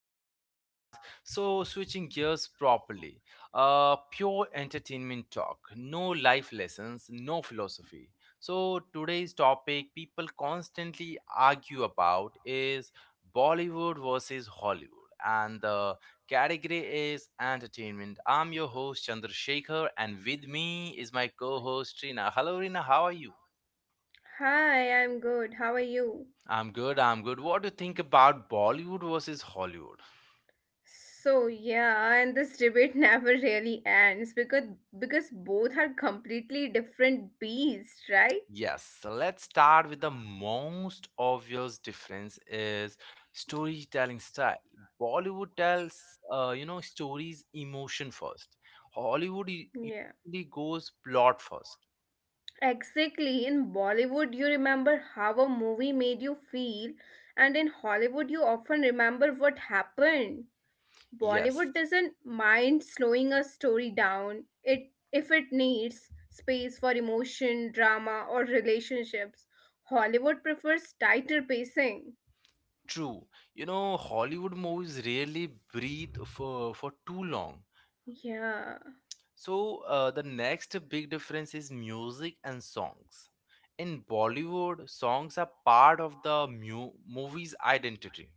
podcast. So, switching gears properly. Pure entertainment talk. No life lessons, no philosophy. So, today's topic people constantly argue about is Bollywood versus Hollywood, and the category is entertainment. I'm your host Chandrasekhar, and with me is my co-host Rina. Hello Rina, how are you? Hi, I'm good. How are you? I'm good, I'm good. What do you think about Bollywood versus Hollywood? So yeah, and this debate never really ends because both are completely different beasts, right? Yes, so let's start with the most obvious difference is storytelling style. Bollywood tells, stories emotion first. Hollywood Yeah. usually goes plot first. Exactly. In Bollywood, you remember how a movie made you feel, and in Hollywood, you often remember what happened. Yes, Bollywood doesn't mind slowing a story down it if it needs space for emotion, drama or relationships. Hollywood prefers tighter pacing. true. You know, Hollywood movies rarely breathe for too long. Yeah. So, the next big difference is music and songs. In Bollywood, songs are part of the movie's identity.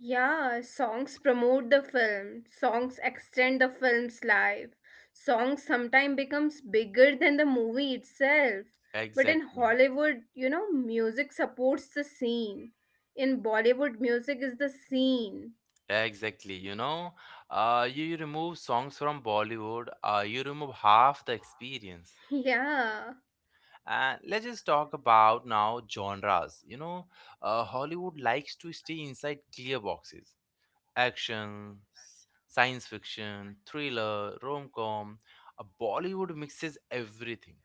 Yeah, songs promote the film, songs extend the film's life. Songs sometimes becomes bigger than the movie itself. But in Exactly. Hollywood, you know, music supports the scene. In Bollywood, music is the scene. Exactly. You remove songs from Bollywood, you remove half the experience. Yeah. And let's just talk about now genres. Hollywood likes to stay inside clear boxes. Action, science fiction, thriller, rom com. Bollywood mixes everything.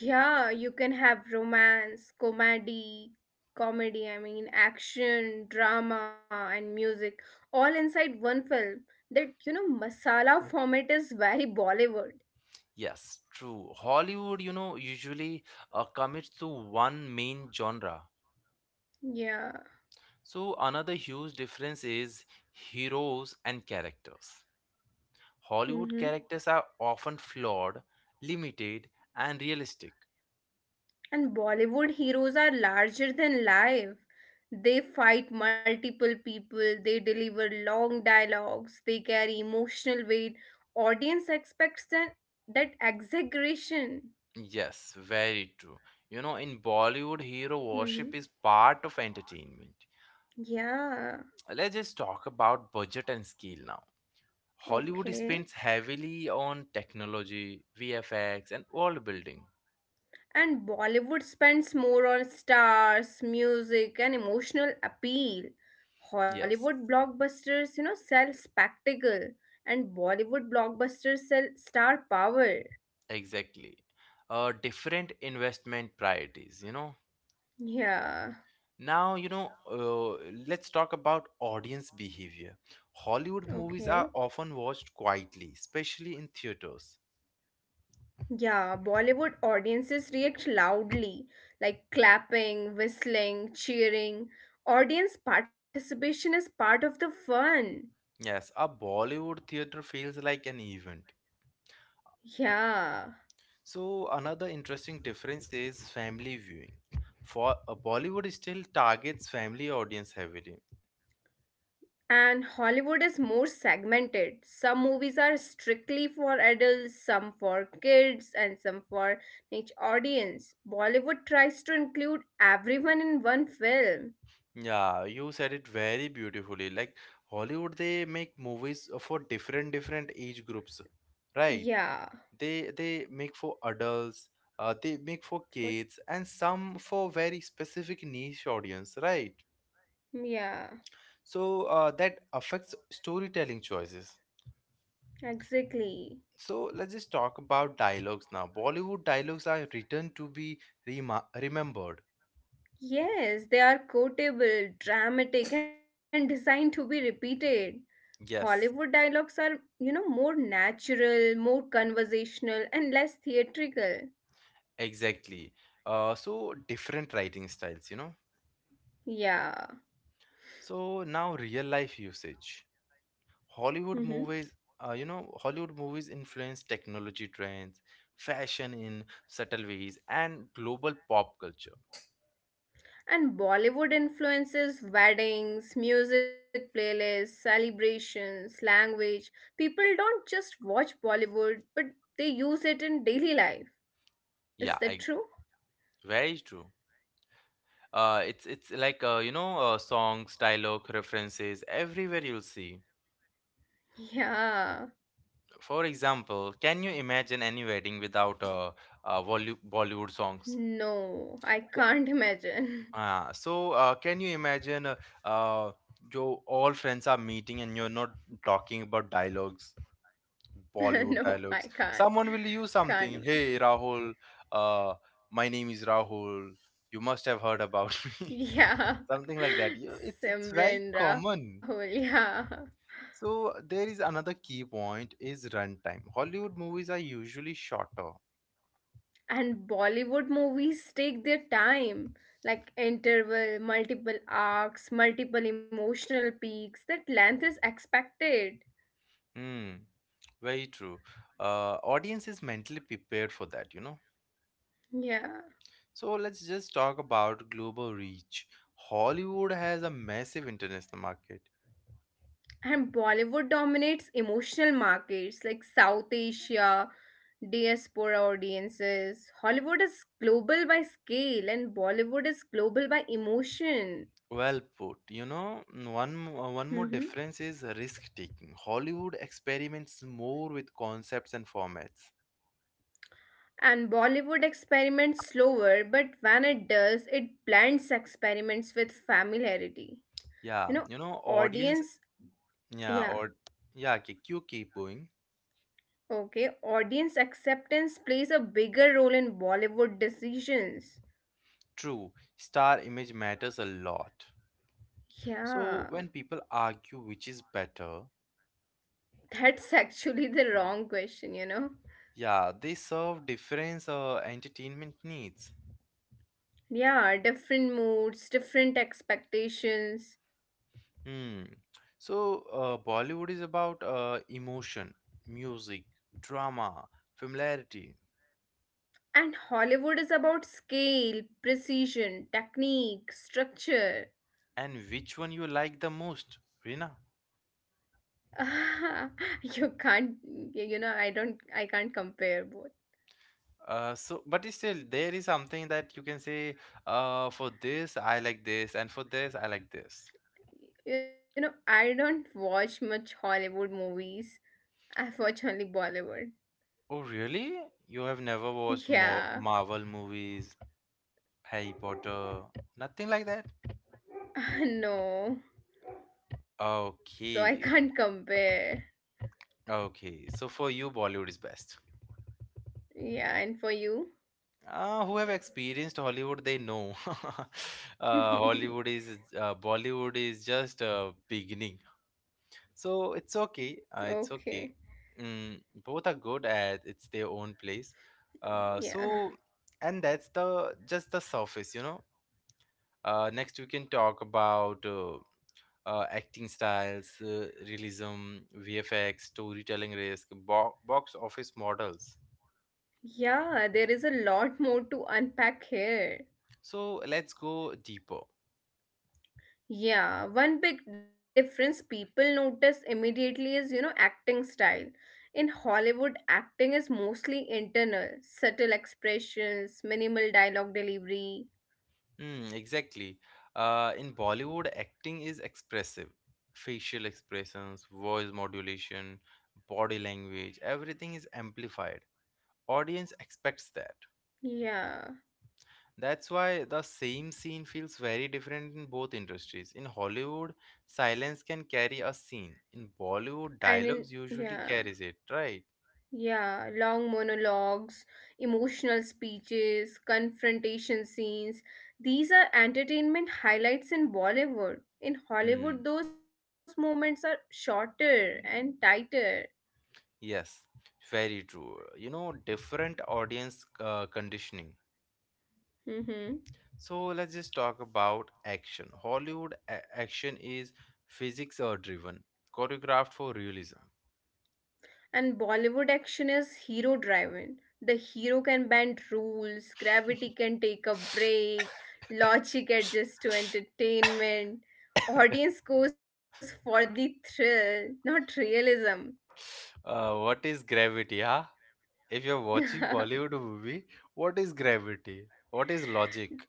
Yeah, you can have romance, comedy, I mean, action, drama, and music all inside one film. That, you know, masala format is very Bollywood. Yes, true. Hollywood, you know, usually commits to one main genre. Yeah. So, another huge difference is heroes and characters. Hollywood Mm-hmm. characters are often flawed, limited, and realistic. And Bollywood heroes are larger than life. They fight multiple people, they deliver long dialogues, they carry emotional weight. Audience expects that exaggeration. Yes, very true. You know, in Bollywood, hero worship Hmm. is part of entertainment. Yeah, Let's just talk about budget and scale now. Hollywood okay. spends heavily on technology, VFX, and world building. And Bollywood spends more on stars, music, and emotional appeal. Yes, Hollywood blockbusters, you know, sell spectacle, and Bollywood blockbusters sell star power. exactly. Different investment priorities, you know. Yeah, Now, let's talk about audience behavior. Hollywood movies okay. are often watched quietly, especially in theaters. Yeah, Bollywood audiences react loudly, like clapping, whistling, cheering. Audience participation is part of the fun. Yes, a Bollywood theater feels like an event. Yeah. So another interesting difference is family viewing. For Bollywood still targets family audience heavily. And Hollywood is more segmented. Some movies are strictly for adults, some for kids, and some for niche audience. Bollywood tries to include everyone in one film. Yeah, you said it very beautifully. Like Hollywood, they make movies for different age groups, right? Yeah, They make for adults, they make for for kids, and some for very specific niche audience, right? yeah, So that affects storytelling choices. exactly. So let's just talk about dialogues now. Bollywood dialogues are written to be remembered. Yes, they are quotable, dramatic, and designed to be repeated. Hollywood Yes, dialogues are, you know, more natural, more conversational, and less theatrical. exactly. So different writing styles, you know. Yeah. So now real life usage. Mm-hmm. Hollywood movies, Hollywood movies influence technology trends, fashion in subtle ways, and global pop culture. And Bollywood influences weddings, music playlists, celebrations, language. People don't just watch Bollywood, but they use it in daily life. Is Yeah, that ex- true? Very true. It's like songs, dialogue, references everywhere you'll see. Yeah. For example, can you imagine any wedding without Bollywood songs? No, I Yeah. can't imagine. Can you imagine uh, jo all friends are meeting and you're not talking about dialogues, No, Bollywood I dialogues. can't. Someone will use Can't something. imagine. Hey, Rahul, uh, my name is Rahul. You must have heard about me. Yeah. Something like that. You, it's very Simran Rahul, common. yeah. So there is another key point is runtime. Hollywood movies are usually shorter. And Bollywood movies take their time, like interval, multiple arcs, multiple emotional peaks. That length is expected. Hmm. Very true. Audience is mentally prepared for that, you know. Yeah. So let's just talk about global reach. Hollywood has a massive international market. And Bollywood dominates emotional markets like South Asia, diaspora audiences. Hollywood is global by scale and Bollywood is global by emotion. Well put, you know. Mm, one Mhm. more difference is risk taking. Hollywood experiments more with concepts and formats. And Bollywood experiments slower, but when it does, it blends experiments with familiarity. Yeah, You know, you know, audience. audience. Yeah, Yeah, or yeah, okay, you keep going. okay. Audience acceptance plays a bigger role in Bollywood decisions. True, star image matters a lot. So Yeah, when people argue which is better, that's actually the wrong question, you know. yeah, they serve different entertainment needs. Yeah, different moods, different expectations. Hmm. So, Bollywood is about emotion, music, drama, familiarity, And Hollywood is about scale, precision, technique, structure. and which one you like the most, Rina? Ah, you can't, you know, I don't, I can't compare. But still, there is something that you can say, for this, I like this, and for this, I like this. Both, you know, I don't watch much Hollywood movies. I've watched only Bollywood. Oh, really? You have never watched Mo Yeah. Marvel movies, Harry Potter, nothing like that? No. So I Okay. can't compare. Okay, so for you, Bollywood is best. Yeah, and for you? Who have experienced Hollywood, they know. Okay. Hollywood is Bollywood is just beginning. So it's okay. It's okay. Mm, both are good at it's their own place. Uh, Yeah. so and that's the just the surface, you know. Next we can talk about acting styles, realism, VFX, storytelling risk, bo box office models. Yeah, there is a lot more to unpack here. So let's go deeper. Yeah, one big difference people notice immediately is, you know, acting style. In Hollywood, acting is mostly internal, subtle expressions, minimal dialogue delivery. Hmm, exactly. In Bollywood, acting is expressive. Facial expressions, voice modulation, body language, everything is amplified. Audience expects that. Yeah. That's why the same scene feels very different in both industries. In Hollywood, silence can carry a scene. In And Bollywood, in, dialogues yeah. usually carries it, right? Yeah, long monologues, emotional speeches, confrontation scenes. These are entertainment highlights in Bollywood. In Hollywood, Hmm. those moments are shorter and tighter. Yes, very true. You know, different audience conditioning. Hmm. So let's just talk about action. Hollywood action is physics or driven, choreographed for realism. And Bollywood action is hero driven. The hero can bend rules, gravity can take a break, logic adjusts to entertainment. Audience goes for the thrill, not realism. What is gravity, huh? If you're watching Bollywood movie, what is gravity? What is logic?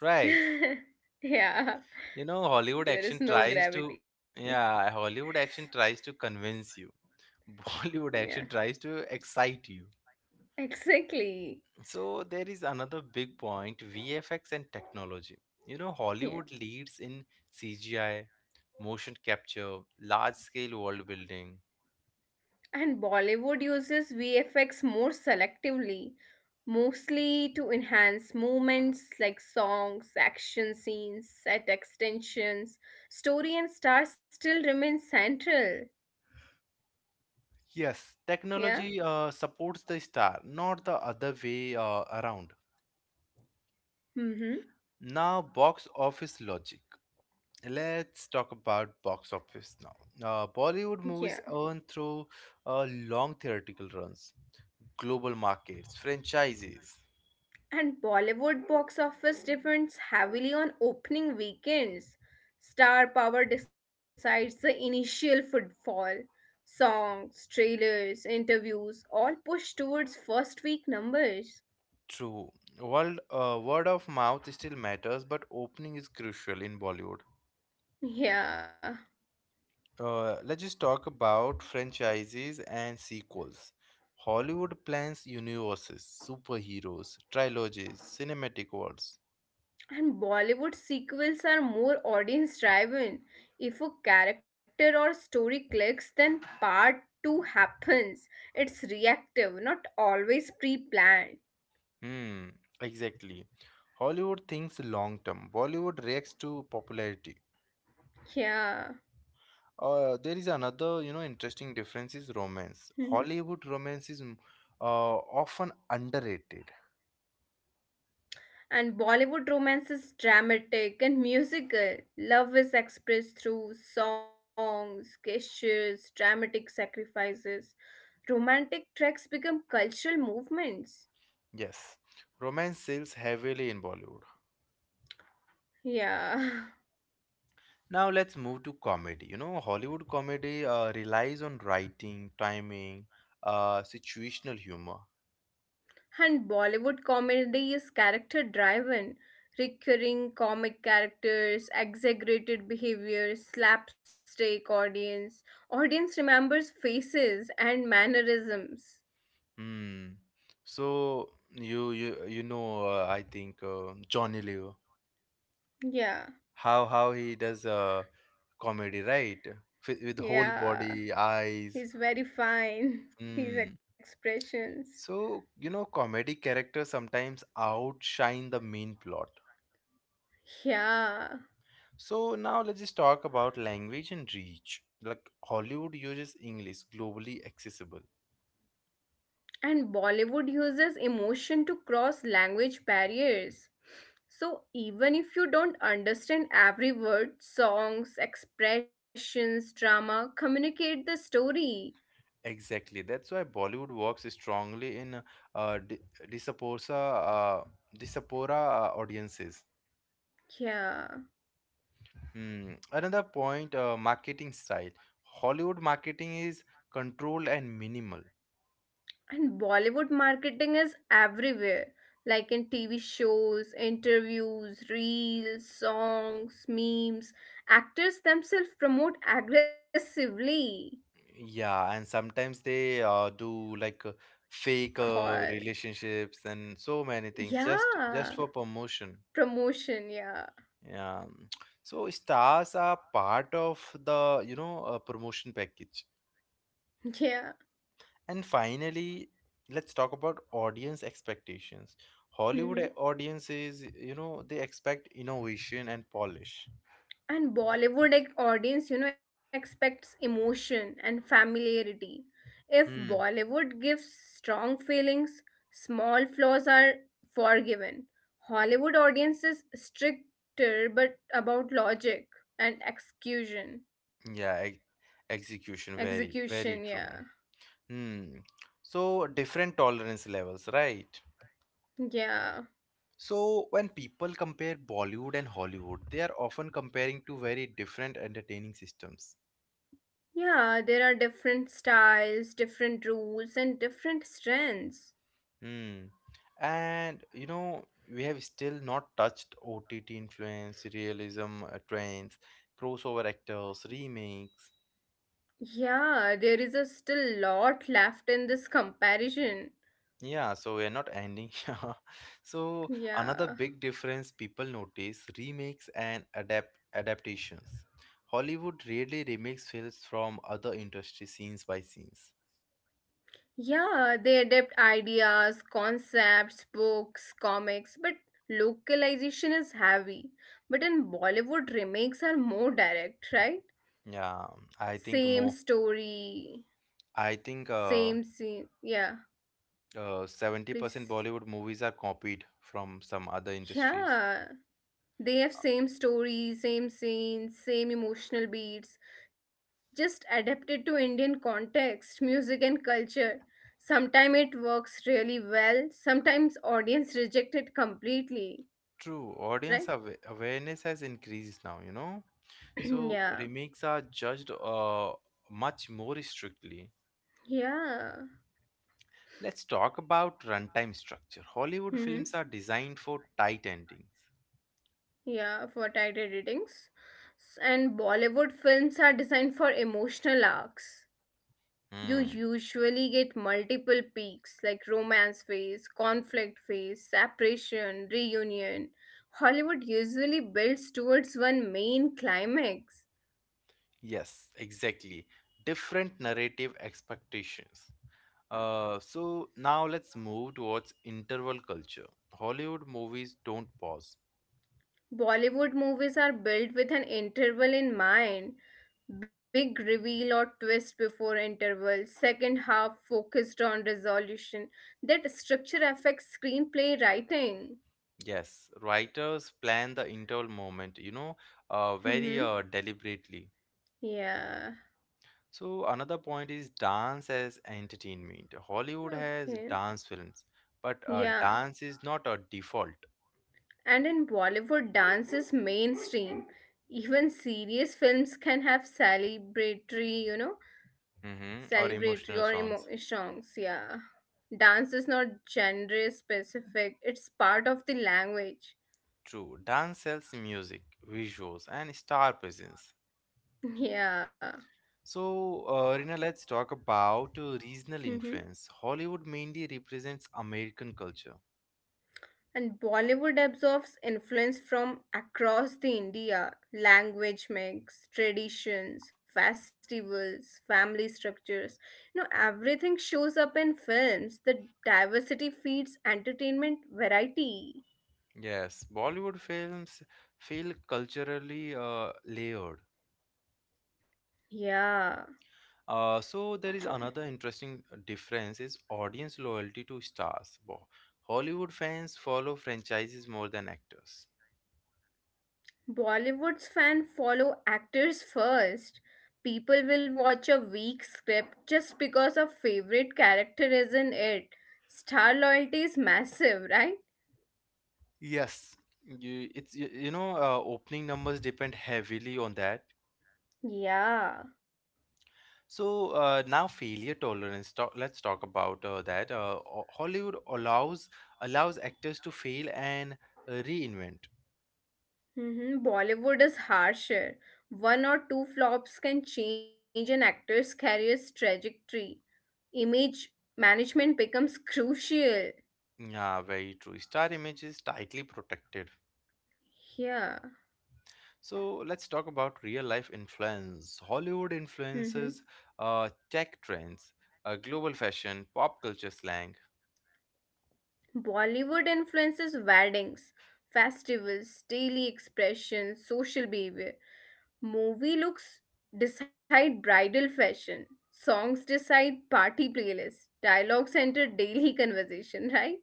Right. Yeah, Hollywood action there is tries no to, gravity. yeah, Hollywood action tries to convince you. Bollywood Yeah, action tries to excite you. exactly. So there is another big point, VFX and technology. You know, Hollywood Yeah, leads in CGI, motion capture, large scale world building. and Bollywood uses VFX more selectively, mostly to enhance movements like songs, action scenes, set extensions. Story and stars still remain central. Yes, Yeah. technology supports the star, not the other way around. Mm-hmm. Now, box office logic. Let's talk about box office now. Yeah. Bollywood movies earn through long theatrical runs, global markets, franchises. And Bollywood box office depends heavily on opening weekends. Star power decides the initial footfall. Songs, trailers, interviews all push towards first week numbers. True. Word of mouth still matters, but opening is crucial in Bollywood. Yeah. Let's just talk about franchises and sequels. Hollywood plans universes, superheroes, trilogies, cinematic worlds. And Bollywood sequels are more audience driven. If a character or story clicks, then part 2 happens. It's reactive, not always pre planned. Hmm, exactly. Hollywood thinks long term. Bollywood reacts to popularity. Yeah. There is another, you know, interesting difference is romance. Hollywood romance is often underrated. And Bollywood romance is dramatic and musical. Love is expressed through songs, gestures, dramatic sacrifices. Romantic tracks become cultural movements. Yes, romance sells heavily in Bollywood. Yeah. Now let's move to comedy. You know, Hollywood comedy relies on writing, timing, situational humor. And Bollywood comedy is character driven. Recurring comic characters, exaggerated behavior, slapstick audience. Audience remembers faces and mannerisms. Hmm. So I think Johnny Leo, Yeah. How he does comedy, right? With whole Yeah. body, eyes. He's very fine. His Hmm. expressions. So you know, comedy characters sometimes outshine the main plot. Yeah. So now let's just talk about language and reach. Like Hollywood uses English globally accessible. And Bollywood uses emotion to cross language barriers. So even if you don't understand every word, songs, expressions, drama communicate the story. Exactly. That's why Bollywood works strongly in uh, di- diaspora uh, diaspora audiences. Yeah. Hmm. Another point: marketing style. Hollywood marketing is controlled and minimal. And Bollywood marketing is everywhere. Like in TV shows, interviews, reels, songs, memes, actors themselves promote aggressively. Yeah, and sometimes they do like fake God. relationships and so many things just Yeah. for promotion. Promotion, yeah. Yeah. So stars are part of the, you know, promotion package. Yeah. And finally, let's talk about audience expectations. Hmm. Hollywood audiences, you know, they expect innovation and polish. And Bollywood, like, audience, you know, expects emotion and familiarity. If Hmm. Bollywood gives strong feelings, small flaws are forgiven. Hollywood audience is stricter but about logic and execution. Yeah, e- Execution, very, Execution, very yeah. true. Hmm. So different tolerance levels, right? Yeah. So when people compare Bollywood and Hollywood, they are often comparing two very different entertaining systems. Yeah, there are different styles, different rules, and different strengths. Hmm. And you know, we have still not touched OTT influence, realism trends, crossover actors, remakes. Yeah, there is a still lot left in this comparison. Yeah, so we're not ending here. So Yeah. another big difference people notice remakes and adaptations. Hollywood rarely remakes films from other industry scenes by scenes. Yeah, they adapt ideas, concepts, books, comics, but localization is heavy. But in Bollywood, remakes are more direct, right? Yeah, I think Same more. story, I think same scene. Yeah, 70% please. Bollywood movies are copied from some other industries. Yeah, they have same story, same scenes, same emotional beats, just adapted to Indian context, music and culture. Sometimes it works really well, sometimes audience reject it completely, True, right? audience awareness has increased now, you know. So Yeah. remakes are judged much more strictly. Yeah. Let's talk about runtime structure. Hollywood Mm-hmm. films are designed for tight endings. Yeah, for tighter ratings. And Bollywood films are designed for emotional arcs. You Hmm. usually get multiple peaks like romance phase, conflict phase, separation, reunion. Hollywood usually builds towards one main climax. Yes, exactly. Different narrative expectations. Now let's move towards interval culture. Hollywood movies don't pause. Bollywood movies are built with an interval in mind. Big reveal or twist before interval, second half focused on resolution. That structure affects screenplay writing. Yes, writers plan the interval moment, you know, very Hmm. Deliberately. Yeah. So another point is dance as entertainment. Hollywood has Okay. dance films, but Yeah. dance is not a default. And in Bollywood, dance is mainstream. Even serious films can have Hmm, or celebratory emotional or songs. Songs. Yeah. Dance is not genre specific, it's part of the language. True, dance sells music, visuals, and star presence. Yeah. So, Rina, let's talk about regional Mm-hmm. influence. Hollywood mainly represents American culture. And Bollywood absorbs influence from across the India, language mix, traditions, festivals, family structures. You know, everything shows up in films. The diversity feeds entertainment variety. Yes, Bollywood films feel culturally layered. Yeah, There is true. another interesting difference is audience loyalty to stars. Hollywood fans follow franchises more than actors. Bollywood's fan follow actors first. People will watch a weak script just because a favorite character is in it. Star loyalty is massive, right? Yes, you know opening numbers depend heavily on that. Yeah. So now failure tolerance. Let's talk about that. Hollywood allows actors to fail and reinvent. Mm-hmm. Bollywood is harsher. One or two flops can change an actor's career's trajectory. Image management becomes crucial. Yeah, very true. Star image is tightly protected. Yeah. So let's talk about real life influence. Hollywood Mm-hmm. influences tech trends, global fashion, pop culture slang. Bollywood influences weddings, festivals, daily expressions, social behavior. Movie looks decide bridal fashion. Songs decide party playlists. Dialogues enter daily conversation, right?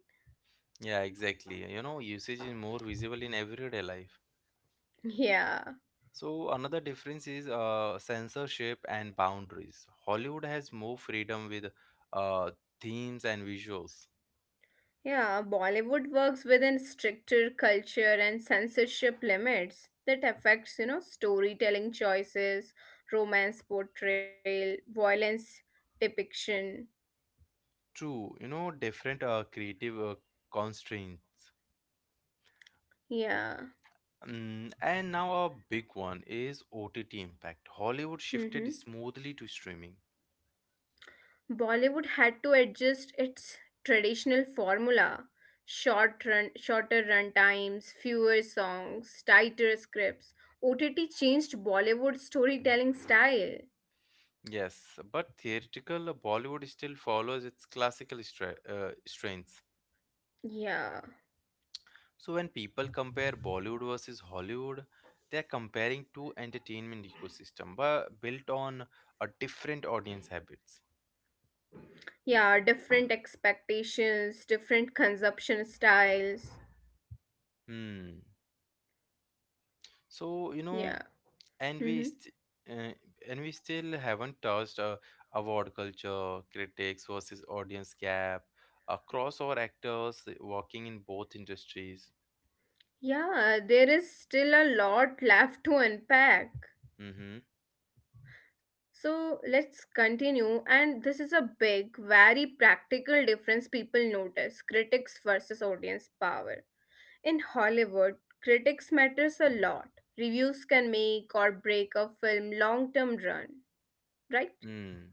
Yeah, exactly. You know, usage is more visible in everyday life. Yeah. So another difference is censorship and boundaries. Hollywood has more freedom with uh, themes and visuals. Yeah, Bollywood works within stricter culture and censorship limits that affects, you know, storytelling choices, romance portrayal, violence depiction. True, you know, different creative constraints. Yeah. Mm, and now a big one is OTT impact. Hollywood shifted Hmm. smoothly to streaming. Bollywood had to adjust its traditional formula. Short run, shorter run times, fewer songs, tighter scripts. OTT changed Bollywood storytelling style. Yes, but theatrical Bollywood still follows its classical strengths. Yeah. So when people compare Bollywood versus Hollywood, they are comparing two entertainment ecosystem but built on a different audience habits. Yeah, different expectations, different consumption styles. Hmm. So you know Yeah. and Hmm. Uh, and we still haven't touched award culture, critics versus audience gap, crossover actors working in both industries. Yeah, there is still a lot left to unpack. Mm-hmm. So let's continue. And this is a big, very practical difference people notice critics versus audience power. In Hollywood, critics matters a lot. Reviews can make or break a film long term run, right? Mm.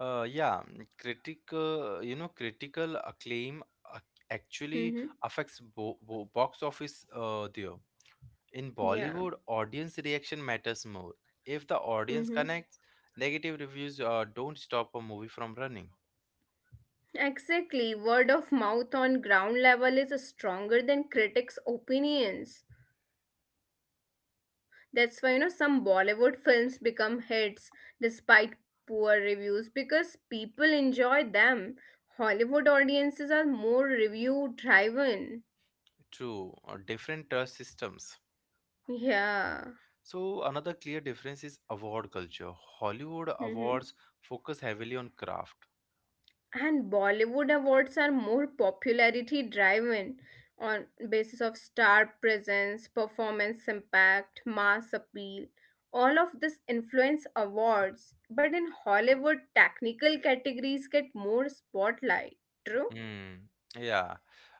Critical acclaim uh, actually Mm-hmm. affects box office there. In Yeah. Bollywood, audience reaction matters more. If the audience Mm-hmm. connects, negative reviews don't stop a movie from running. Exactly. Word of mouth on ground level is stronger than critics' opinions. That's why, you know, some Bollywood films become hits despite poor reviews because people enjoy them. Hollywood audiences are more review driven. True, different trust systems. Yeah. So, another clear difference is award culture. Hollywood Hmm. awards focus heavily on craft. And Bollywood awards are more popularity driven, on basis of star presence, performance impact, mass appeal. All of this influence awards, but in Hollywood technical categories get more spotlight. True. Hmm. Yeah,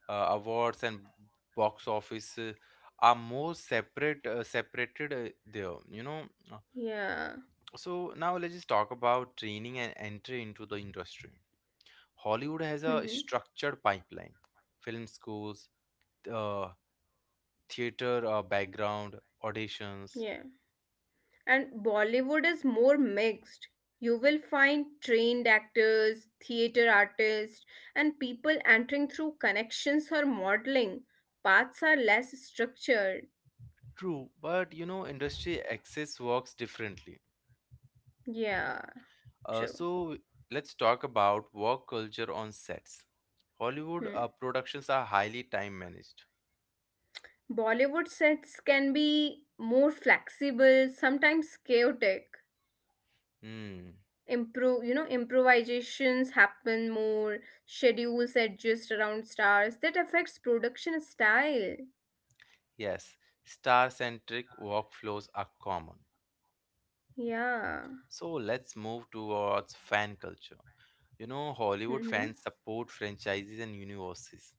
awards and box office are more separate, separated there. You know. Uh, Yeah. So now let's just talk about training and entry into the industry. Hollywood has a Hmm. structured pipeline: film schools, uh, theater background, auditions. Yeah. And Bollywood is more mixed. You will find trained actors, theater artists, and people entering through connections or modeling. Paths are less structured. True, but you know, industry access works differently. Yeah, Uh, true. so let's talk about work culture on sets. Hollywood Hmm. Productions are highly time managed. Bollywood sets can be more flexible, sometimes chaotic. Hmm, Improvisations happen more, schedules adjust around stars. That affects production style. yes, star centric workflows are common. Yeah. So let's move towards fan culture. You know, Hollywood Mm-hmm. fans support franchises and universes.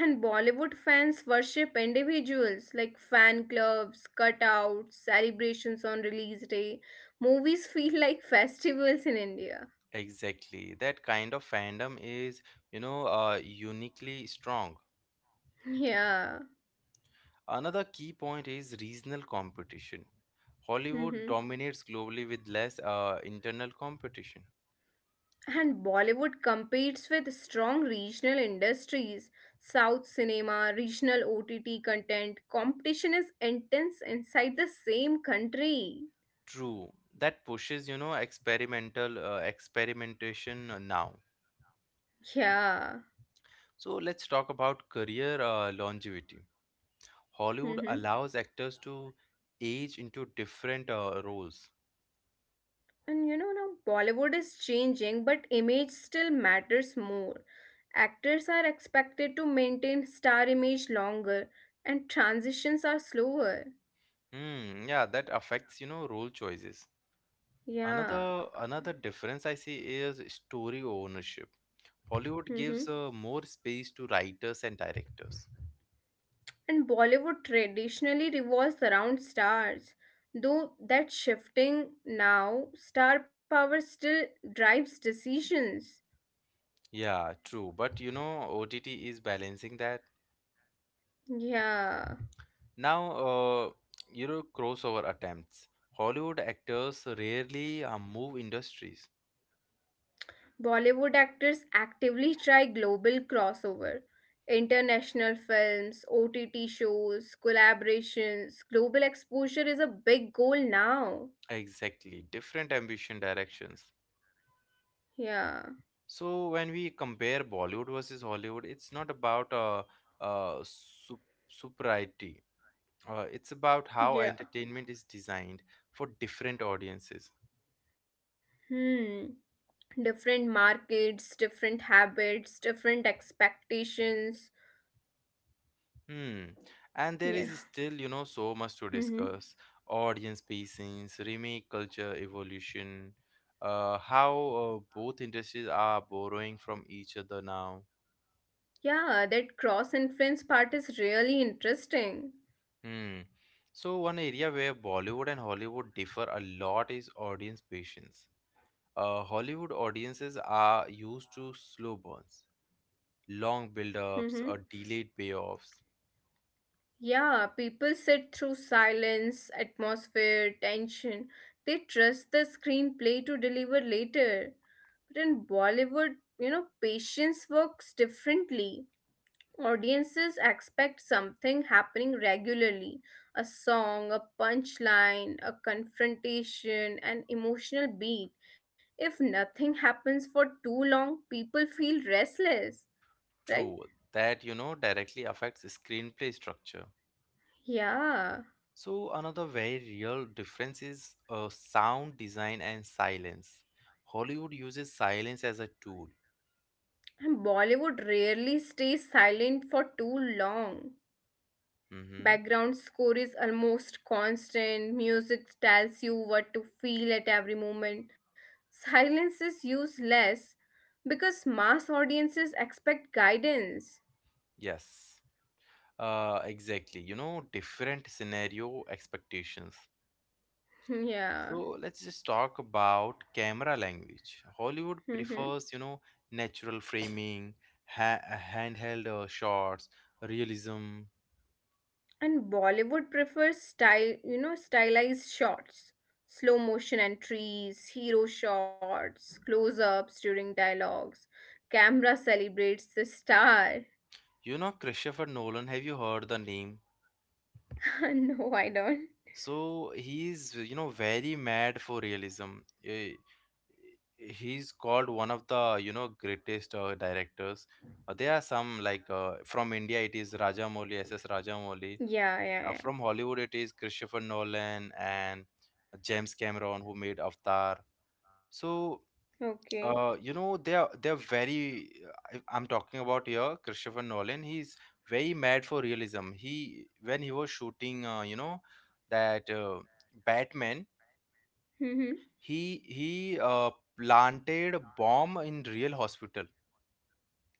And Bollywood fans worship individuals like fan clubs, cutouts, celebrations on release day. Movies feel like festivals in India. Exactly. That kind of fandom is, you know, uniquely strong. Yeah. Another key point is regional competition. Hollywood Hmm. dominates globally with less internal competition. And Bollywood competes with strong regional industries, South cinema, regional OTT content. Competition is intense inside the same country. True, that pushes you know experimental experimentation now. Yeah. So let's talk about career longevity. Hollywood Mm-hmm. allows actors to age into different roles. And you know now Bollywood is changing, but image still matters more. Actors are expected to maintain star image longer and transitions are slower. Hmm, yeah, that affects you know role choices. Yeah. Another difference I see is story ownership. Hollywood Mm-hmm. gives more space to writers and directors. And Bollywood traditionally revolves around stars. Though that shifting now, star power still drives decisions. Yeah, true. But you know, OTT is balancing that. Yeah. Now, you know, crossover attempts. Hollywood actors rarely move industries. Bollywood actors actively try global crossover, international films, OTT shows, collaborations. Global exposure is a big goal now. Exactly. Different ambition directions. Yeah. So when we compare Bollywood versus Hollywood, it's not about uh, sup- superiority. It's about how Yeah. entertainment is designed for different audiences. Hmm. Different markets, different habits, different expectations. Hmm. And there is still, Yeah. you know, so much to discuss. Mm-hmm. Audience patience, remake culture evolution, how both industries are borrowing from each other now. Yeah, that cross influence part is really interesting. Hmm. So one area where Bollywood and Hollywood differ a lot is audience patience. Hollywood audiences are used to slow burns, long build-ups, Mm-hmm. or delayed payoffs. Yeah, people sit through silence, atmosphere, tension. They trust the screenplay to deliver later. But in Bollywood, you know, patience works differently. Audiences expect something happening regularly, a song, a punchline, a confrontation, an emotional beat. If nothing happens for too long, people feel restless, right? True, that you know directly affects screenplay structure. Yeah. So, another very real difference is sound design and silence. Hollywood uses silence as a tool. And Bollywood rarely stays silent for too long. Mm-hmm. Background score is almost constant, music tells you what to feel at every moment. Silence is used less because mass audiences expect guidance. Yes, exactly. You know, different scenario expectations. Hmm. So, Yeah. let's just talk about camera language. Hollywood Hmm. prefers, you know, natural framing, ha- handheld shots, realism. And Bollywood prefers style, you know, stylized shots. Slow motion entries, hero shots, close ups during dialogues. Camera celebrates the star. You know, Christopher Nolan, have you heard the name? No, I don't. So he's, you know, very mad for realism. Eh, he's called one of the, you know, greatest directors. There are some like from India, it is Rajamouli, S S Rajamouli. Yeah, yeah, From Hollywood, it is Christopher Nolan and James Cameron who made Avatar. So yeah. Okay. You know, they're very. I'm talking about here, Christopher Nolan. He's very mad for realism. He when he was shooting, you know, that Batman, Mm-hmm. he planted a bomb in real hospital.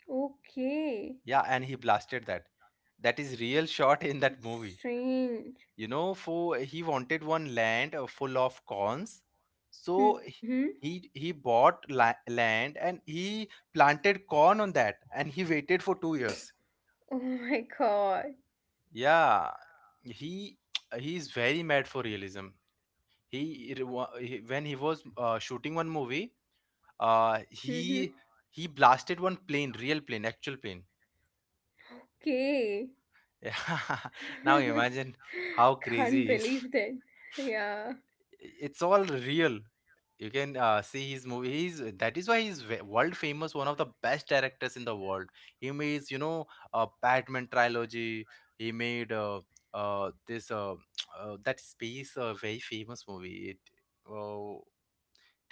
Okay. Yeah, and he blasted that. That is real shot in that movie. Strange. You know, for he wanted one land full of corns, so h- Mm-hmm. he he bought land and he planted corn on that and he waited for 2 years. Oh my god. Yeah, he he is very mad for realism. He, re- wa- he- When he was shooting one movie, uh Mm-hmm. he he blasted one plane, real plane, actual plane. Okay. Yeah. Now imagine how Can't crazy he is. believe that. Yeah. It's all real. You can see his movie. He's that is why he's world famous, one of the best directors in the world. He made you know Batman trilogy. He made this that space very famous movie. It, uh,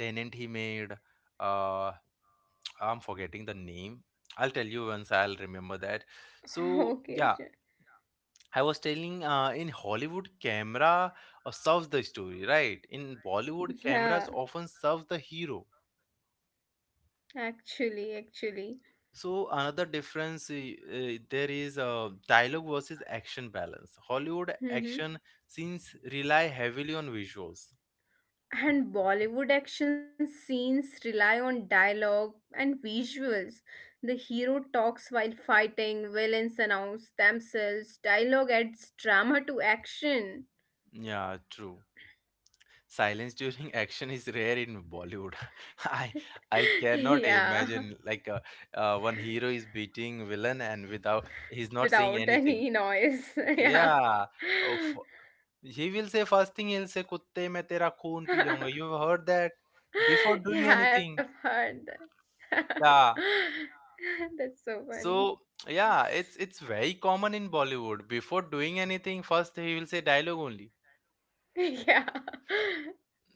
Tenant he made. Uh, I'm forgetting the name. I'll tell you once I'll remember that. So Okay. yeah, Sure. I was telling in Hollywood camera serves the story, right? In Bollywood, Yeah. cameras often serve the hero. Actually. So another difference there is dialogue versus action balance. Hollywood Mm-hmm. action scenes rely heavily on visuals. And Bollywood action scenes rely on dialogue and visuals. The hero talks while fighting, villains announce themselves, dialogue adds drama to action. Yeah, true. Silence during action is rare in Bollywood. I I cannot Yeah, imagine like one hero is beating villain and without he's not saying without anything. any noise. Yeah. Yeah, oh, f- he will say first thing he'll say kutte मैं तेरा खून P जाऊंगा. You have heard that before doing Yeah, I've anything. heard that. Yeah. That's so funny. So yeah, it's very common in Bollywood. Before doing anything, first he will say dialogue only. Yeah.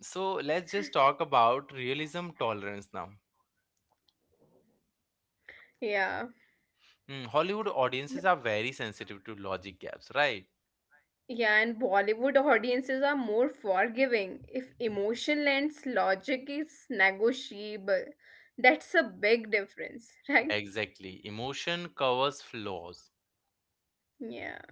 So let's just talk about realism tolerance now. Yeah. Hmm, Hollywood audiences are very sensitive to logic gaps, right? Yeah, and Bollywood audiences are more forgiving if emotion lends logic is negotiable. That's a big difference, right? Exactly. Emotion covers flaws. Yeah.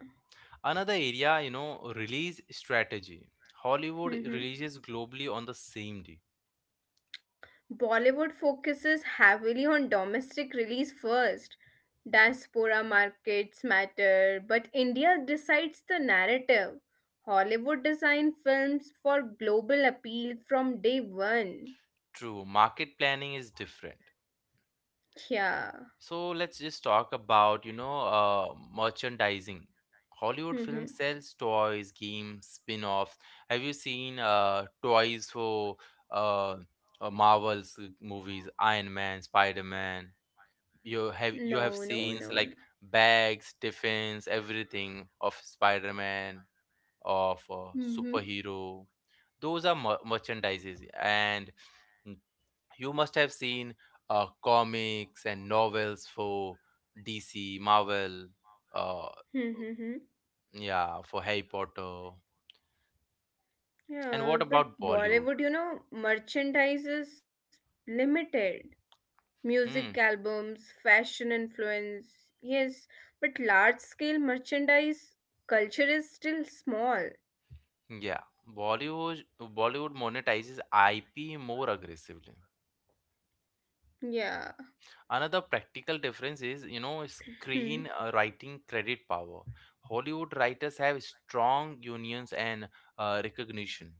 Another area, you know, release strategy. Hollywood Hmm. releases globally on the same day. Bollywood focuses heavily on domestic release first. Diaspora markets matter, but India decides the narrative. Hollywood design films for global appeal from day one. True, market planning is different. Yeah. So let's just talk about, you know, merchandising. Hollywood film Hmm. sells toys, games, spin-offs. Have you seen toys for uh, Marvel's movies, Iron Man, Spider-Man? You have you No, have no, seen no, like bags, tiffins, everything of Spider-Man, of no. Hmm. superhero. Those are merchandises, and you must have seen comics and novels for DC, Marvel, uh, Mm-hmm. yeah, for Harry Potter. And Yeah, what but about Bollywood? Bollywood, merchandise is limited. Music Hmm, albums, fashion influence, yes, but large scale merchandise culture is still small. yeah, Bollywood monetizes IP more aggressively. Yeah. Another practical difference is, you know, Hmm. screen writing credit power. Hollywood writers have strong unions and recognition.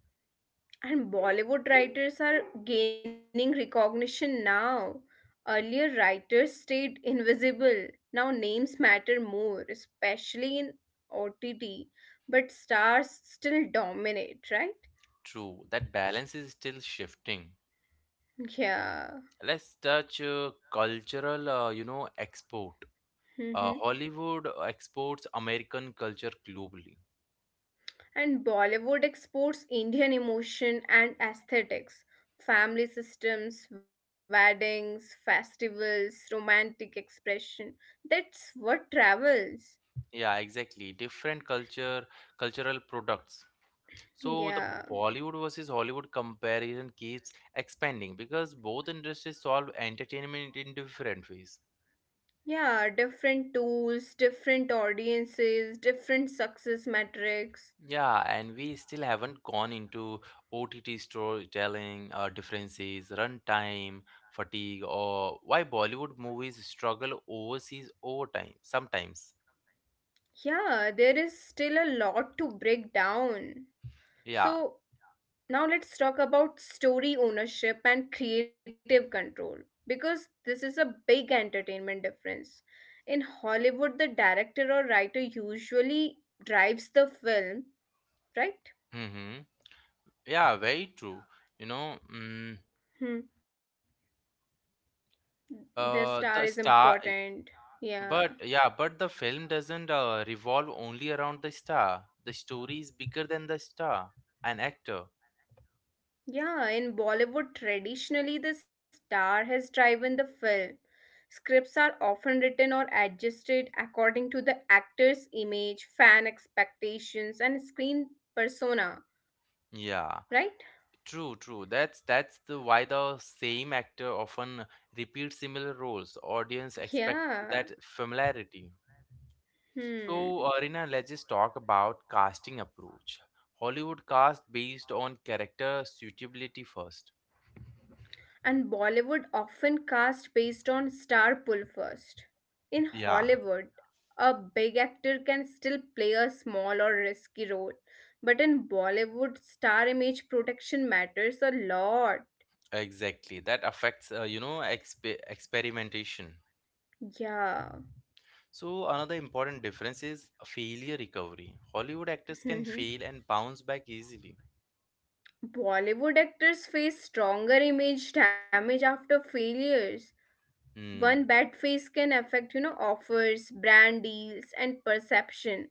And Bollywood writers are gaining recognition now. Earlier, writers stayed invisible. Now, names matter more, especially in OTT, but stars still dominate, right? True, that balance is still shifting. Yeah. Let's touch cultural you know export. Hmm. Hollywood exports American culture globally. And Bollywood exports Indian emotion and aesthetics, family systems, weddings, festivals, romantic expression. That's what travels. Yeah, exactly, different culture cultural products. So the Yeah. Bollywood versus Hollywood comparison keeps expanding because both industries solve entertainment in different ways. Yeah, different tools, different audiences, different success metrics. Yeah, and we still haven't gone into OTT storytelling, differences, runtime, fatigue, or why Bollywood movies struggle overseas over time sometimes. Yeah, there is still a lot to break down. Yeah. So, now let's talk about story ownership and creative control because this is a big entertainment difference. In Hollywood, the director or writer usually drives the film, right? Mm-hmm. Yeah, very true. You know, Hmm. The star is the star, important. Yeah. but yeah, but the film doesn't revolve only around the star. The story is bigger than the star, an actor. Yeah, in Bollywood, traditionally, the star has driven the film. Scripts are often written or adjusted according to the actor's image, fan expectations, and screen persona, Yeah. right? True, true. That's the why the same actor often repeats similar roles. Audience expects that Yeah. familiarity. So, Hmm. Rina, let's just talk about casting approach. Hollywood cast based on character suitability first. And Bollywood often cast based on star pull first. In Yeah, Hollywood, a big actor can still play a small or risky role. But in Bollywood, star image protection matters a lot. exactly. That affects, you know, experimentation. Yeah. So another important difference is failure recovery. Hollywood actors can Hmm. fail and bounce back easily. Bollywood actors face stronger image damage after failures. One Hmm. bad face can affect, offers, brand deals, and perception.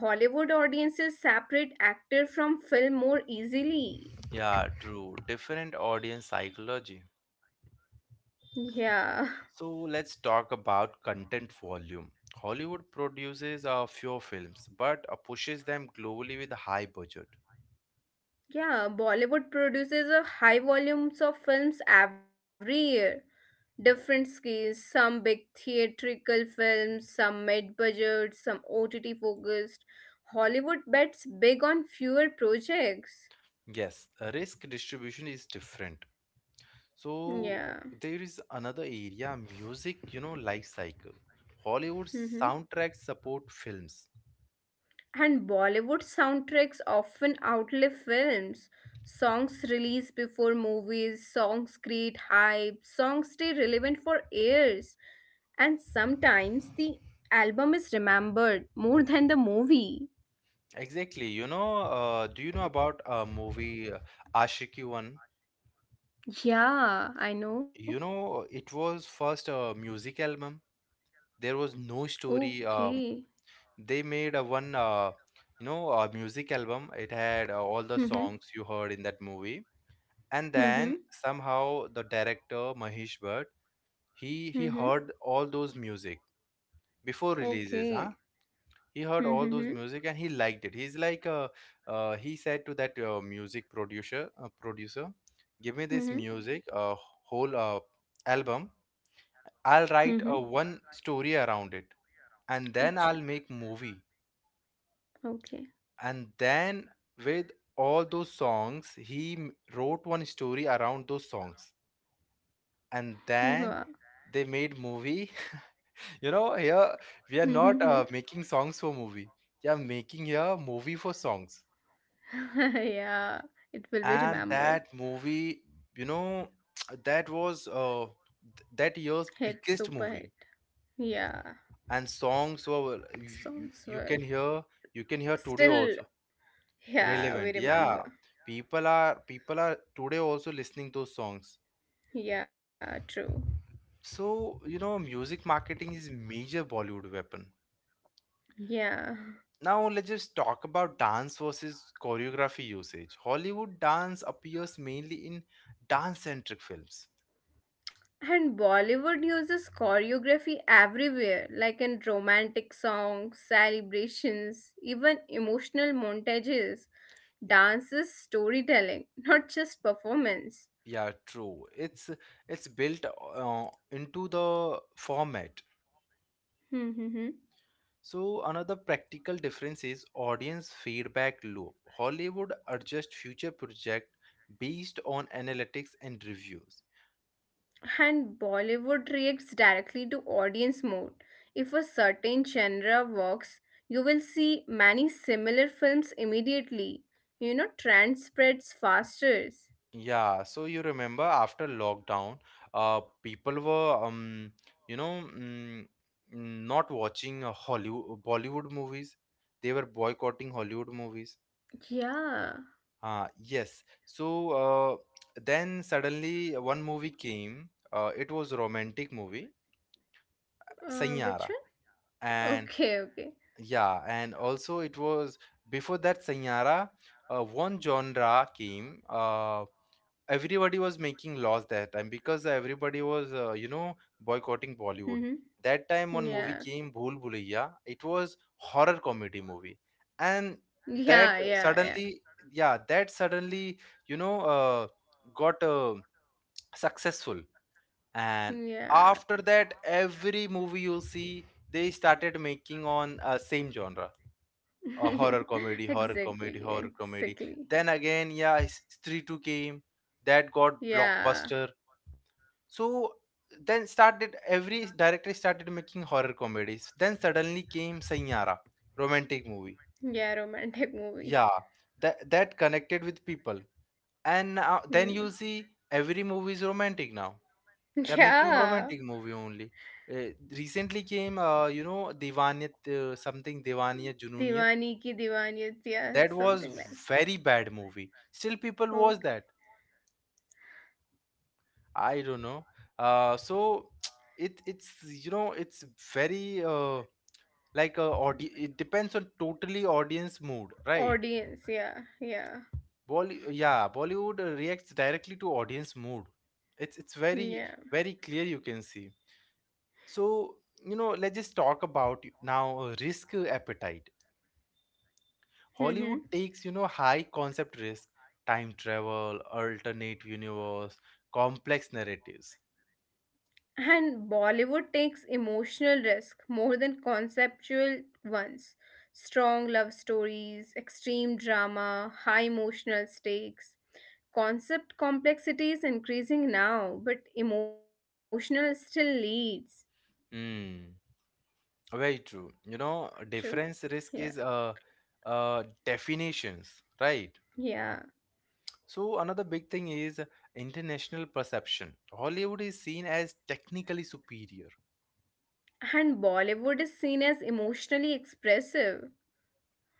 Hollywood audiences separate actor from film more easily. Yeah, true. Different audience psychology. Yeah. So let's talk about content volume. Hollywood produces a few films but pushes them globally with a high budget. Yeah, Bollywood produces a high volumes of films every year. Different scales, some big theatrical films, some mid-budget, some OTT focused. Hollywood bets big on fewer projects. Yes, risk distribution is different. So Yeah. there is another area, music, you know, life cycle. Hollywood soundtracks support films. And Bollywood soundtracks often outlive films. Songs released before movies, songs create hype, songs stay relevant for years. And sometimes the album is remembered more than the movie. Exactly, you know, do you know about a movie Ashiki One? Yeah, I know. You know, it was first a music album. There was no story, Okay. they made a one, you know, a music album. It had all the Mm-hmm. songs you heard in that movie. And Mm-hmm. then somehow the director Mahesh Bhatt, he Mm-hmm. heard all those music before releases, Okay. huh? He heard all those Mm-hmm. music and he liked it. He's like, he said to that music producer, producer, give me this Mm-hmm. music, whole album. I'll write Mm-hmm. a one story around it, and then Ach- I'll make movie, okay. and then with all those songs he wrote one story around those songs, and then Yeah. they made movie. You know, here we are not making songs for movie, we are making here movie for songs. yeah, it will be And that remembered. movie, you know, that was that year's Hit, biggest super movie, hit. Yeah, and songs were you songs you were can hear, you can hear today still, also, yeah, we relevant. Yeah, remember. people are today also listening those songs. Yeah, true. So you know music marketing is major Bollywood weapon. Yeah. Now let's just talk about dance versus choreography usage. Hollywood dance appears mainly in dance centric films. And Bollywood uses choreography everywhere, like in romantic songs, celebrations, even emotional montages, dances, storytelling, not just performance. Yeah, true. It's built into the format. So another practical difference is audience feedback loop. Hollywood adjust future project based on analytics and reviews. And Bollywood reacts directly to audience mood. If a certain genre works, you will see many similar films immediately. Trend spreads faster. Yeah, so you remember after lockdown, people were you know, not watching Hollywood Bollywood movies. They were boycotting Hollywood movies. Yeah. Yes. So then suddenly one movie came. It was romantic movie, Which Sanyara. one? And Okay, okay. yeah, and also it was before that Sanyara, one genre came. Everybody was making laws that time because everybody was you know boycotting Bollywood. Mm-hmm. That time one movie Yeah. came, Bhool Bhulaiya. It was horror comedy movie. And that Yeah, yeah, suddenly yeah that suddenly you know got successful. And yeah. after that every movie you'll see they started making on same genre, a Yeah. horror comedy, horror comedy, Exactly, horror comedy. exactly. Then again, yeah, Stree 2 came, that got Yeah. blockbuster. So then started every director started making horror comedies. Then suddenly came Sanyara, romantic movie. Yeah, romantic Yeah, movie. that that connected with people. And now, then you Hmm. see every movie is romantic now. They're making Yeah. romantic movie only. Uh, recently came, you know, Divaniyat, something Divaniyat, Junooniyat. Diwani ki Diwaniyat, yeah, That was something like. very bad movie, still people watch Okay. that. I don't know. uh so it's you know it's very like it depends on totally audience mood, right? Audience, yeah, yeah, Yeah, Bollywood reacts directly to audience mood. It's very yeah. very clear you can see. So you know let's just talk about now risk appetite. Hollywood Mm-hmm. takes, you know, high concept risk, time travel, alternate universe, complex narratives. And Bollywood takes emotional risk more than conceptual ones. Strong love stories, extreme drama, high emotional stakes. Concept complexity is increasing now, but emotional still leads. Hmm. Very true. You know, True? difference Yeah. risk is definitions, right? Yeah. So another big thing is international perception. Hollywood is seen as technically superior. And Bollywood is seen as emotionally expressive,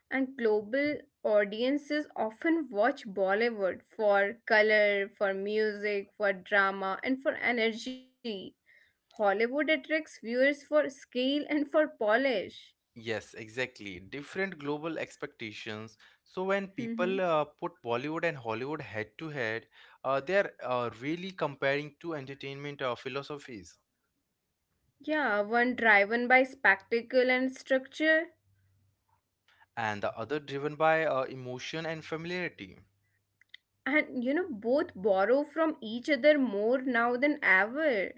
and global audiences often watch Bollywood for color, for music, for drama, and for energy. Hollywood attracts viewers for scale and for polish. Yes, exactly. Different global expectations. So when Hmm. people put Bollywood and Hollywood head to head, they are really comparing two entertainment philosophies, Yeah, one driven by spectacle and structure, and the other driven by emotion and familiarity. and both borrow from each other more now than ever.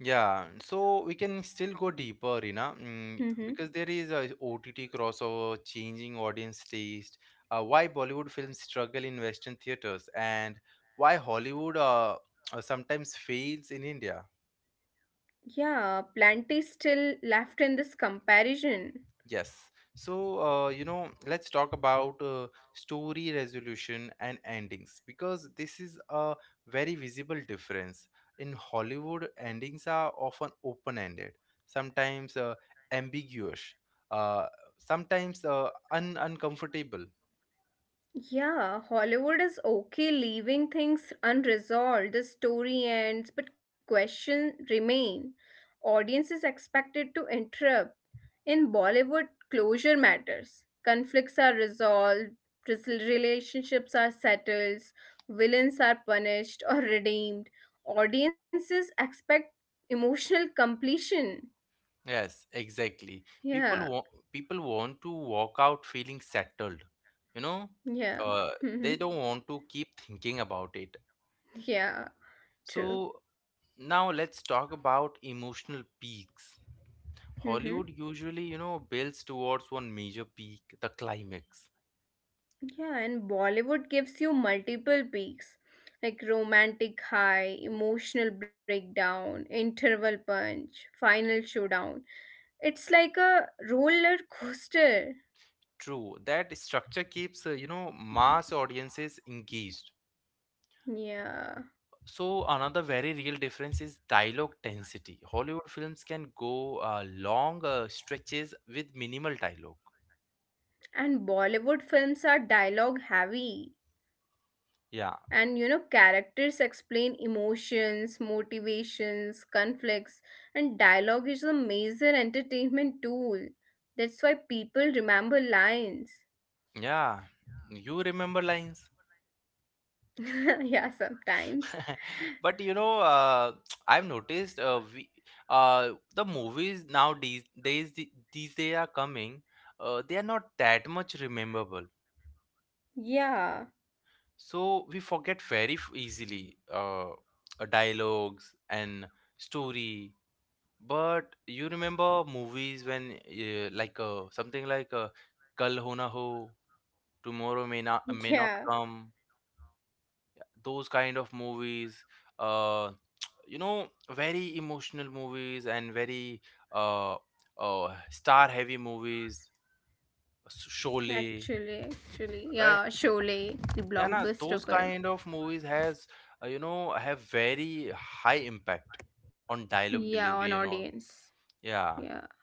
Yeah, so we can still go deeper, you know, Mm-hmm. because there is a OTT crossover, changing audience taste, why Bollywood films struggle in Western theaters, and why Hollywood sometimes fails in India. Yeah, plenty still left in this comparison. Yes. So let's talk about story resolution and endings, because this is a very visible difference. In Hollywood, endings are often open-ended, sometimes ambiguous, uh, sometimes un uncomfortable. Yeah, Hollywood is okay leaving things unresolved. The story ends but questions remain. Audience is expected to interrupt. In Bollywood, closure matters. Conflicts are resolved, relationships are settled, villains are punished or redeemed. Audiences expect emotional completion. Yes, exactly. People Yeah, want people want to walk out feeling settled, you know. yeah. Uh, Hmm. they don't want to keep thinking about it. Yeah, true. So now let's talk about emotional peaks. Hmm. Hollywood usually, you know, builds towards one major peak, the climax. Yeah, and Bollywood gives you multiple peaks like romantic high, emotional breakdown, interval punch, final showdown. It's like a roller coaster. True, that structure keeps, you know, mass audiences engaged. Yeah. So another very real difference is dialogue density. Hollywood films can go long stretches with minimal dialogue. And Bollywood films are dialogue heavy. Yeah, And characters explain emotions, motivations, conflicts, and dialogue is a major entertainment tool. That's why people remember lines. yeah. You remember lines? Yeah, sometimes. But you know I've noticed uh, the movies nowadays these they are coming, they are not that much rememberable. Yeah. So we forget very easily dialogues and story, but you remember movies when something like kal ho na ho, tomorrow may not Yeah. come, those kind of movies, uh you know, very emotional movies and very uh star heavy movies, Sholay, Actually, actually. right? Yeah, Sholay, the Yeah, nah, those blockbuster film. kind of movies has you know, have very high impact on dialogue Yeah, delivery on and all. audience. Yeah, Yeah.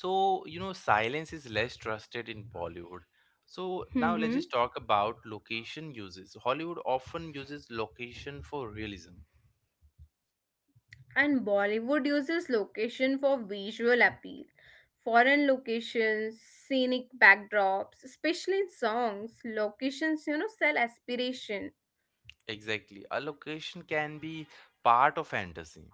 so you know silence is less trusted in Bollywood. So now let's just Mm-hmm. talk about location uses. Hollywood often uses location for realism. And Bollywood uses location for visual appeal. Foreign locations, scenic backdrops, especially in songs, locations, sell aspiration. Exactly. A location can be part of fantasy.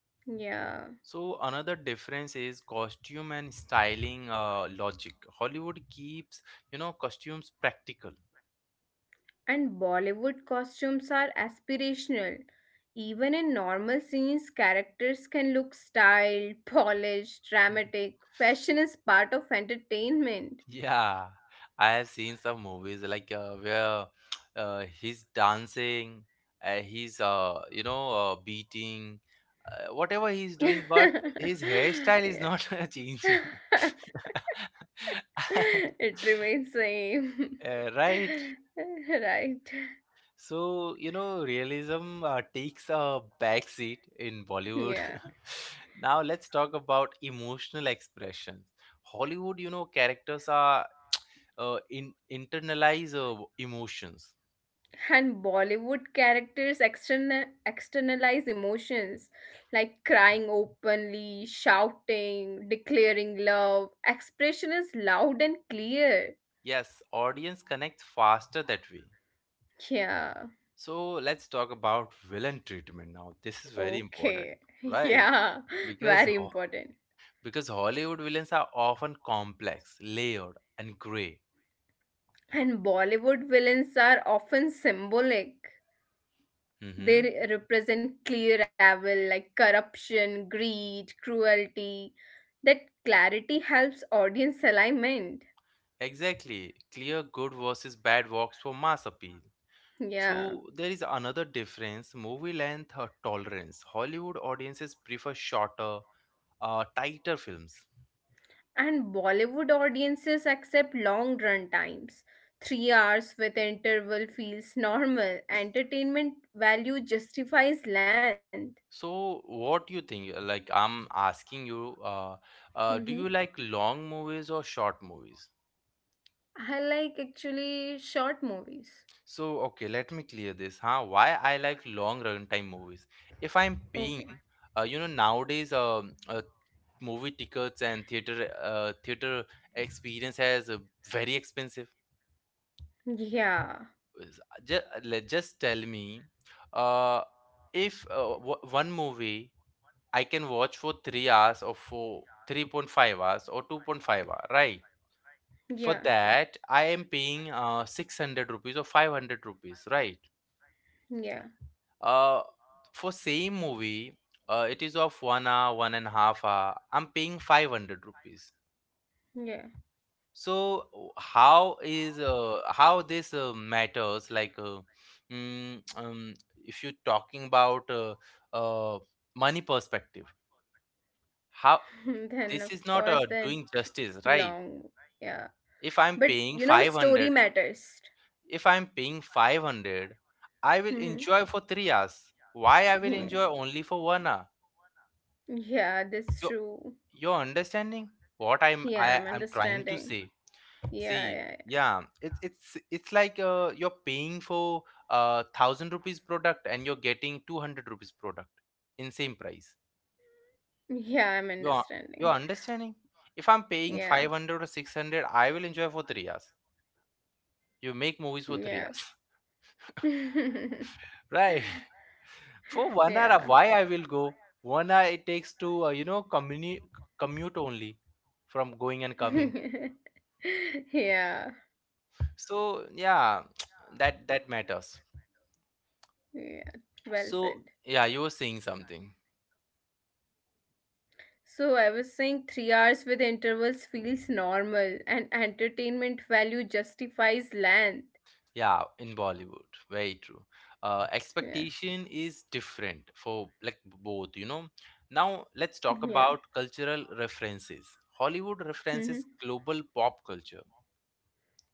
Yeah. So another difference is costume and styling logic. Hollywood keeps, you know, costumes practical. And Bollywood costumes are aspirational. Even in normal scenes, characters can look styled, polished, dramatic. Fashion is part of entertainment. Yeah, I have seen some movies like where he's dancing, he's beating, whatever he's doing, but his hairstyle is Yeah. not changing. It remains same. Right? Right, So, you know, realism takes a backseat in Bollywood. yeah. Now, let's talk about emotional expression. Hollywood, you know, characters are in internalize emotions. And Bollywood characters externalize emotions like crying openly, shouting, declaring love. Expression is loud and clear. Yes, audience connects faster that way. Yeah. So, let's talk about villain treatment now. This is very important, Okay. right? Yeah, Because very ho- important. because Hollywood villains are often complex, layered, and gray. And Bollywood villains are often symbolic. Mm-hmm. They represent clear evil like corruption, greed, cruelty. That clarity helps audience alignment. Exactly. Clear good versus bad works for mass appeal. Yeah. So there is another difference, movie length or tolerance. Hollywood audiences prefer shorter, tighter films. And Bollywood audiences accept long run times. 3 hours with interval feels normal. Entertainment value justifies length. So what do you think? Like I'm asking you, hmm do you like long movies or short movies? I like actually short movies. So okay, let me clear this, huh? Why I like long runtime movies? If I'm Okay. paying, you know, nowadays, movie tickets and theater theater experience as very expensive. Yeah. just, just tell me, uh, if w- one movie I can watch for 3 hours or for 3.5 hours or 2.5 hour, right? For Yeah. that I am paying 600 rupees or 500 rupees, right? Yeah. uh, for same movie, it is of 1 hour one and a half hour, I'm paying 500 rupees. Yeah. So how is how this matters, like mm, um, if you're talking about uh, money perspective, how Then of this is not course the doing justice, right? long, yeah, if but i'm paying story 500 matters. if I'm paying 500, I will Mhm. enjoy for 3 hours. Why I will enjoy Yeah, only for 1 hour? yeah, that's you true. you're understanding what Yeah, I'm I'm trying to understanding. say. Yeah, See, yeah. yeah, it's it's like you're paying for a thousand rupees product and you're getting 200 rupees product in same price. Yeah, yeah, I'm You're understanding. you're understanding? If I'm paying Yeah, 500 or 600, I will enjoy for 3 hours. You make movies for three yeah. hours, right? For 1 hour, Yeah. why I will go? 1 hour it takes to you know, commute only from going and coming. Yeah, So yeah, that matters. yeah, well So, said. yeah, you were saying something. So I was saying 3 hours with intervals feels normal and entertainment value justifies length. Yeah, in Bollywood, very true. Yeah. Expectation is different for like both, you know. Now, let's talk Yeah. about cultural references. Hollywood Hmm. references global pop culture.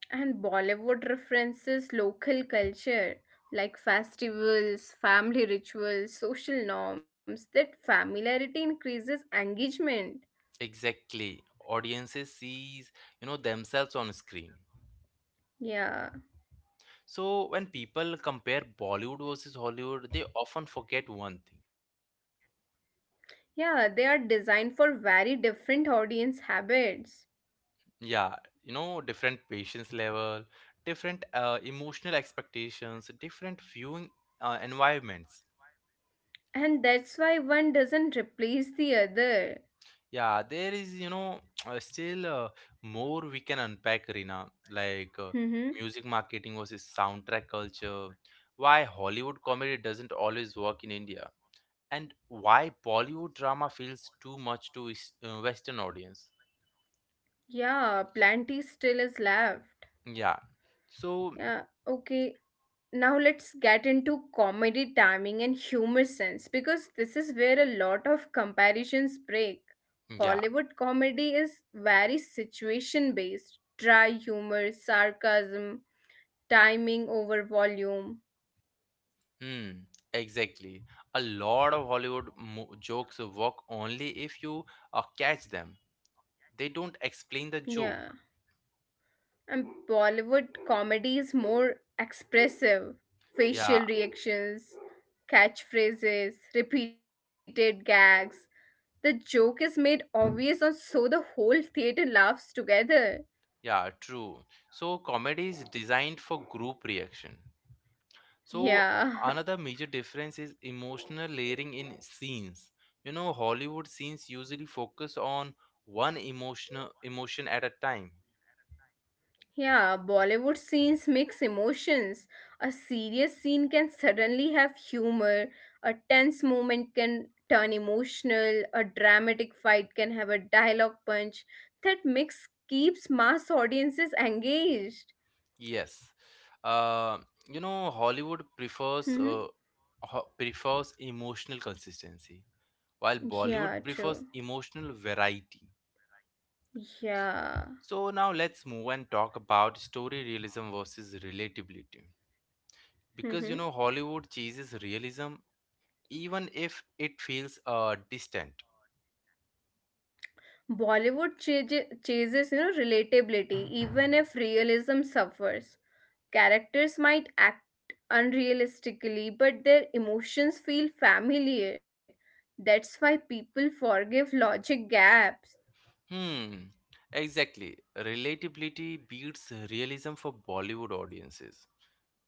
And Bollywood references local culture like festivals, family rituals, social norms. That familiarity increases engagement. Exactly. Audiences sees, you know, themselves on screen. Yeah. So, when people compare Bollywood versus Hollywood, they often forget one thing. Yeah, they are designed for very different audience habits. Yeah, you know, different patience level, different emotional expectations, different viewing environments. And that's why one doesn't replace the other. Yeah, there is, you know, still more we can unpack, Rina, like Mm-hmm. music marketing versus soundtrack culture, why Hollywood comedy doesn't always work in India, and why Bollywood drama feels too much to Western audience. Yeah, plenty still is left. Yeah, so Yeah, okay. Now let's get into comedy timing and humor sense because this is where a lot of comparisons break. yeah. Hollywood comedy is very situation based, dry humor, sarcasm, timing over volume. Hmm, exactly. A lot of Hollywood jokes work only if you catch them. They don't explain the Yeah. joke. And Bollywood comedy is more expressive. Yeah, Facial reactions, catchphrases, repeated gags. The joke is made obvious, and so the whole theater laughs together. yeah, true. So comedy is designed for group reaction. So Yeah. another major difference is emotional layering in scenes. You know, Hollywood scenes usually focus on one emotional emotion at a time. Yeah, Bollywood scenes mix emotions. A serious scene can suddenly have humor, a tense moment can turn emotional, a dramatic fight can have a dialogue punch. That mix keeps mass audiences engaged. Yes. Uh, you know, Hollywood prefers Hmm. Prefers emotional consistency, while Bollywood Yeah, prefers true. emotional variety. Yeah. So now let's move and talk about story realism versus relatability. Because you hmm know, Hollywood chases realism even if it feels distant. Bollywood chases, relatability, even if realism suffers. Characters might act unrealistically, but their emotions feel familiar. That's why people forgive logic gaps. Hmm, exactly. Relatability beats realism for Bollywood audiences.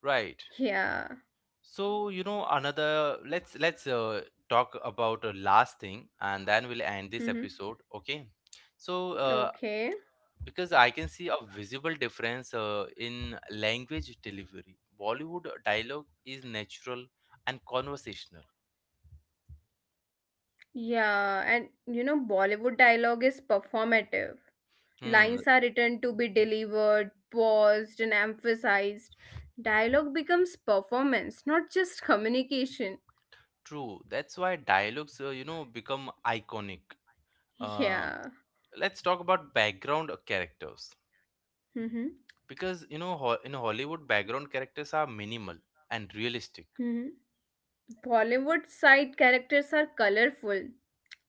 Right. Yeah. So, you know, another let's talk about a last thing and then we'll end this Hmm. episode, okay? So, Okay. because I can see a visible difference in language delivery. Bollywood dialogue is natural and conversational. Yeah, and Bollywood dialogue is performative. Hmm, Lines are written to be delivered, paused, and emphasized. Dialogue becomes performance, not just communication. true. That's why dialogues, you know, become iconic. Uh, Yeah. let's talk about background characters. Mm-hmm. Because, you know, ho in Hollywood, background characters are minimal and realistic. Mm-hmm. Bollywood side characters are colorful,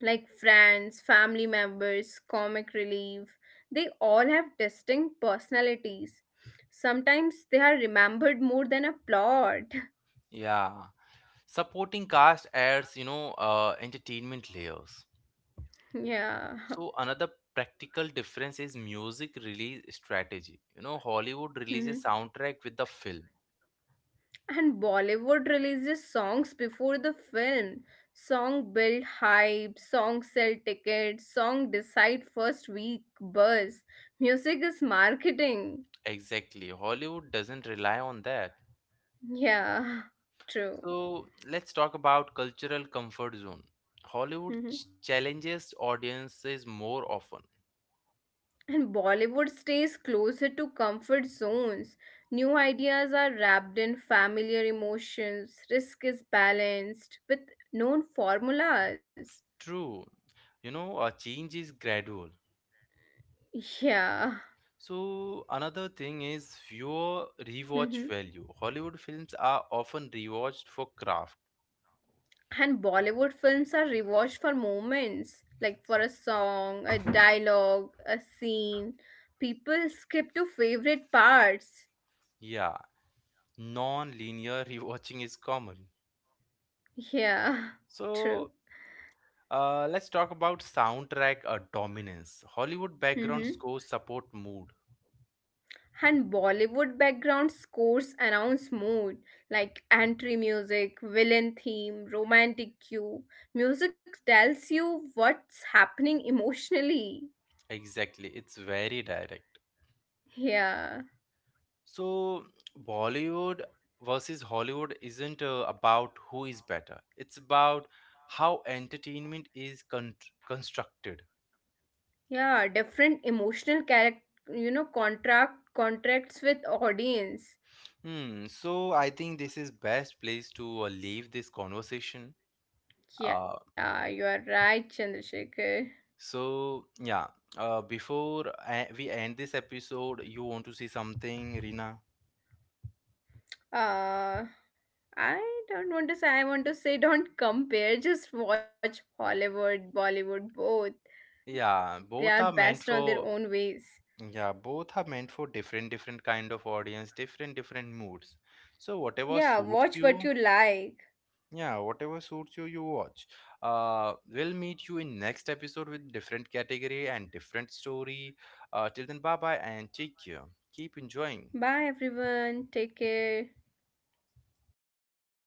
like friends, family members, comic relief. They all have distinct personalities. Sometimes they are remembered more than a plot. Yeah, supporting cast adds, you know, entertainment layers. Yeah. So another practical difference is music release strategy. You know, Hollywood Mhm. releases soundtrack with the film. And Bollywood releases songs before the film. Song build hype, song sell tickets, song decide first week buzz. Music is marketing. Exactly. Hollywood doesn't rely on that. Yeah, true. So let's talk about cultural comfort zone. Hollywood Mhm. challenges audiences more often. And Bollywood stays closer to comfort zones. New ideas are wrapped in familiar emotions. Risk is balanced with known formulas. True. You know, a change is gradual. Yeah. So another thing is your rewatch Mhm. value. Hollywood films are often rewatched for craft. And Bollywood films are rewatched for moments, like for a song, a dialogue, a scene. People skip to favorite parts. Yeah, non-linear rewatching is common. Yeah, true. So let's talk about soundtrack dominance. Hollywood background Mm-hmm. scores support mood. And Bollywood background scores announce mood like entry music, villain theme, romantic cue. Music tells you what's happening emotionally. Exactly, it's very direct. Yeah, So Bollywood versus Hollywood isn't about who is better. It's about how entertainment is constructed. yeah, different emotional character, contracts with audience. Hmm. So I think this is best place to leave this conversation. Uh, Yeah, you are right, Chandrasekhar. so yeah. Before we end this episode, you want to see something, Rina? Uh, I don't want to say. I want to say, don't compare. Just watch Hollywood, Bollywood, both. Yeah. They are Both are best meant on their for own ways. Yeah. Both are meant for different different kind of audience, different different moods. So whatever Yeah, suits watch what you, you like. yeah, whatever suits you, you watch. We'll meet you in next episode with different category and different story. Till then, bye bye and take care. Keep enjoying. Bye everyone. Take care.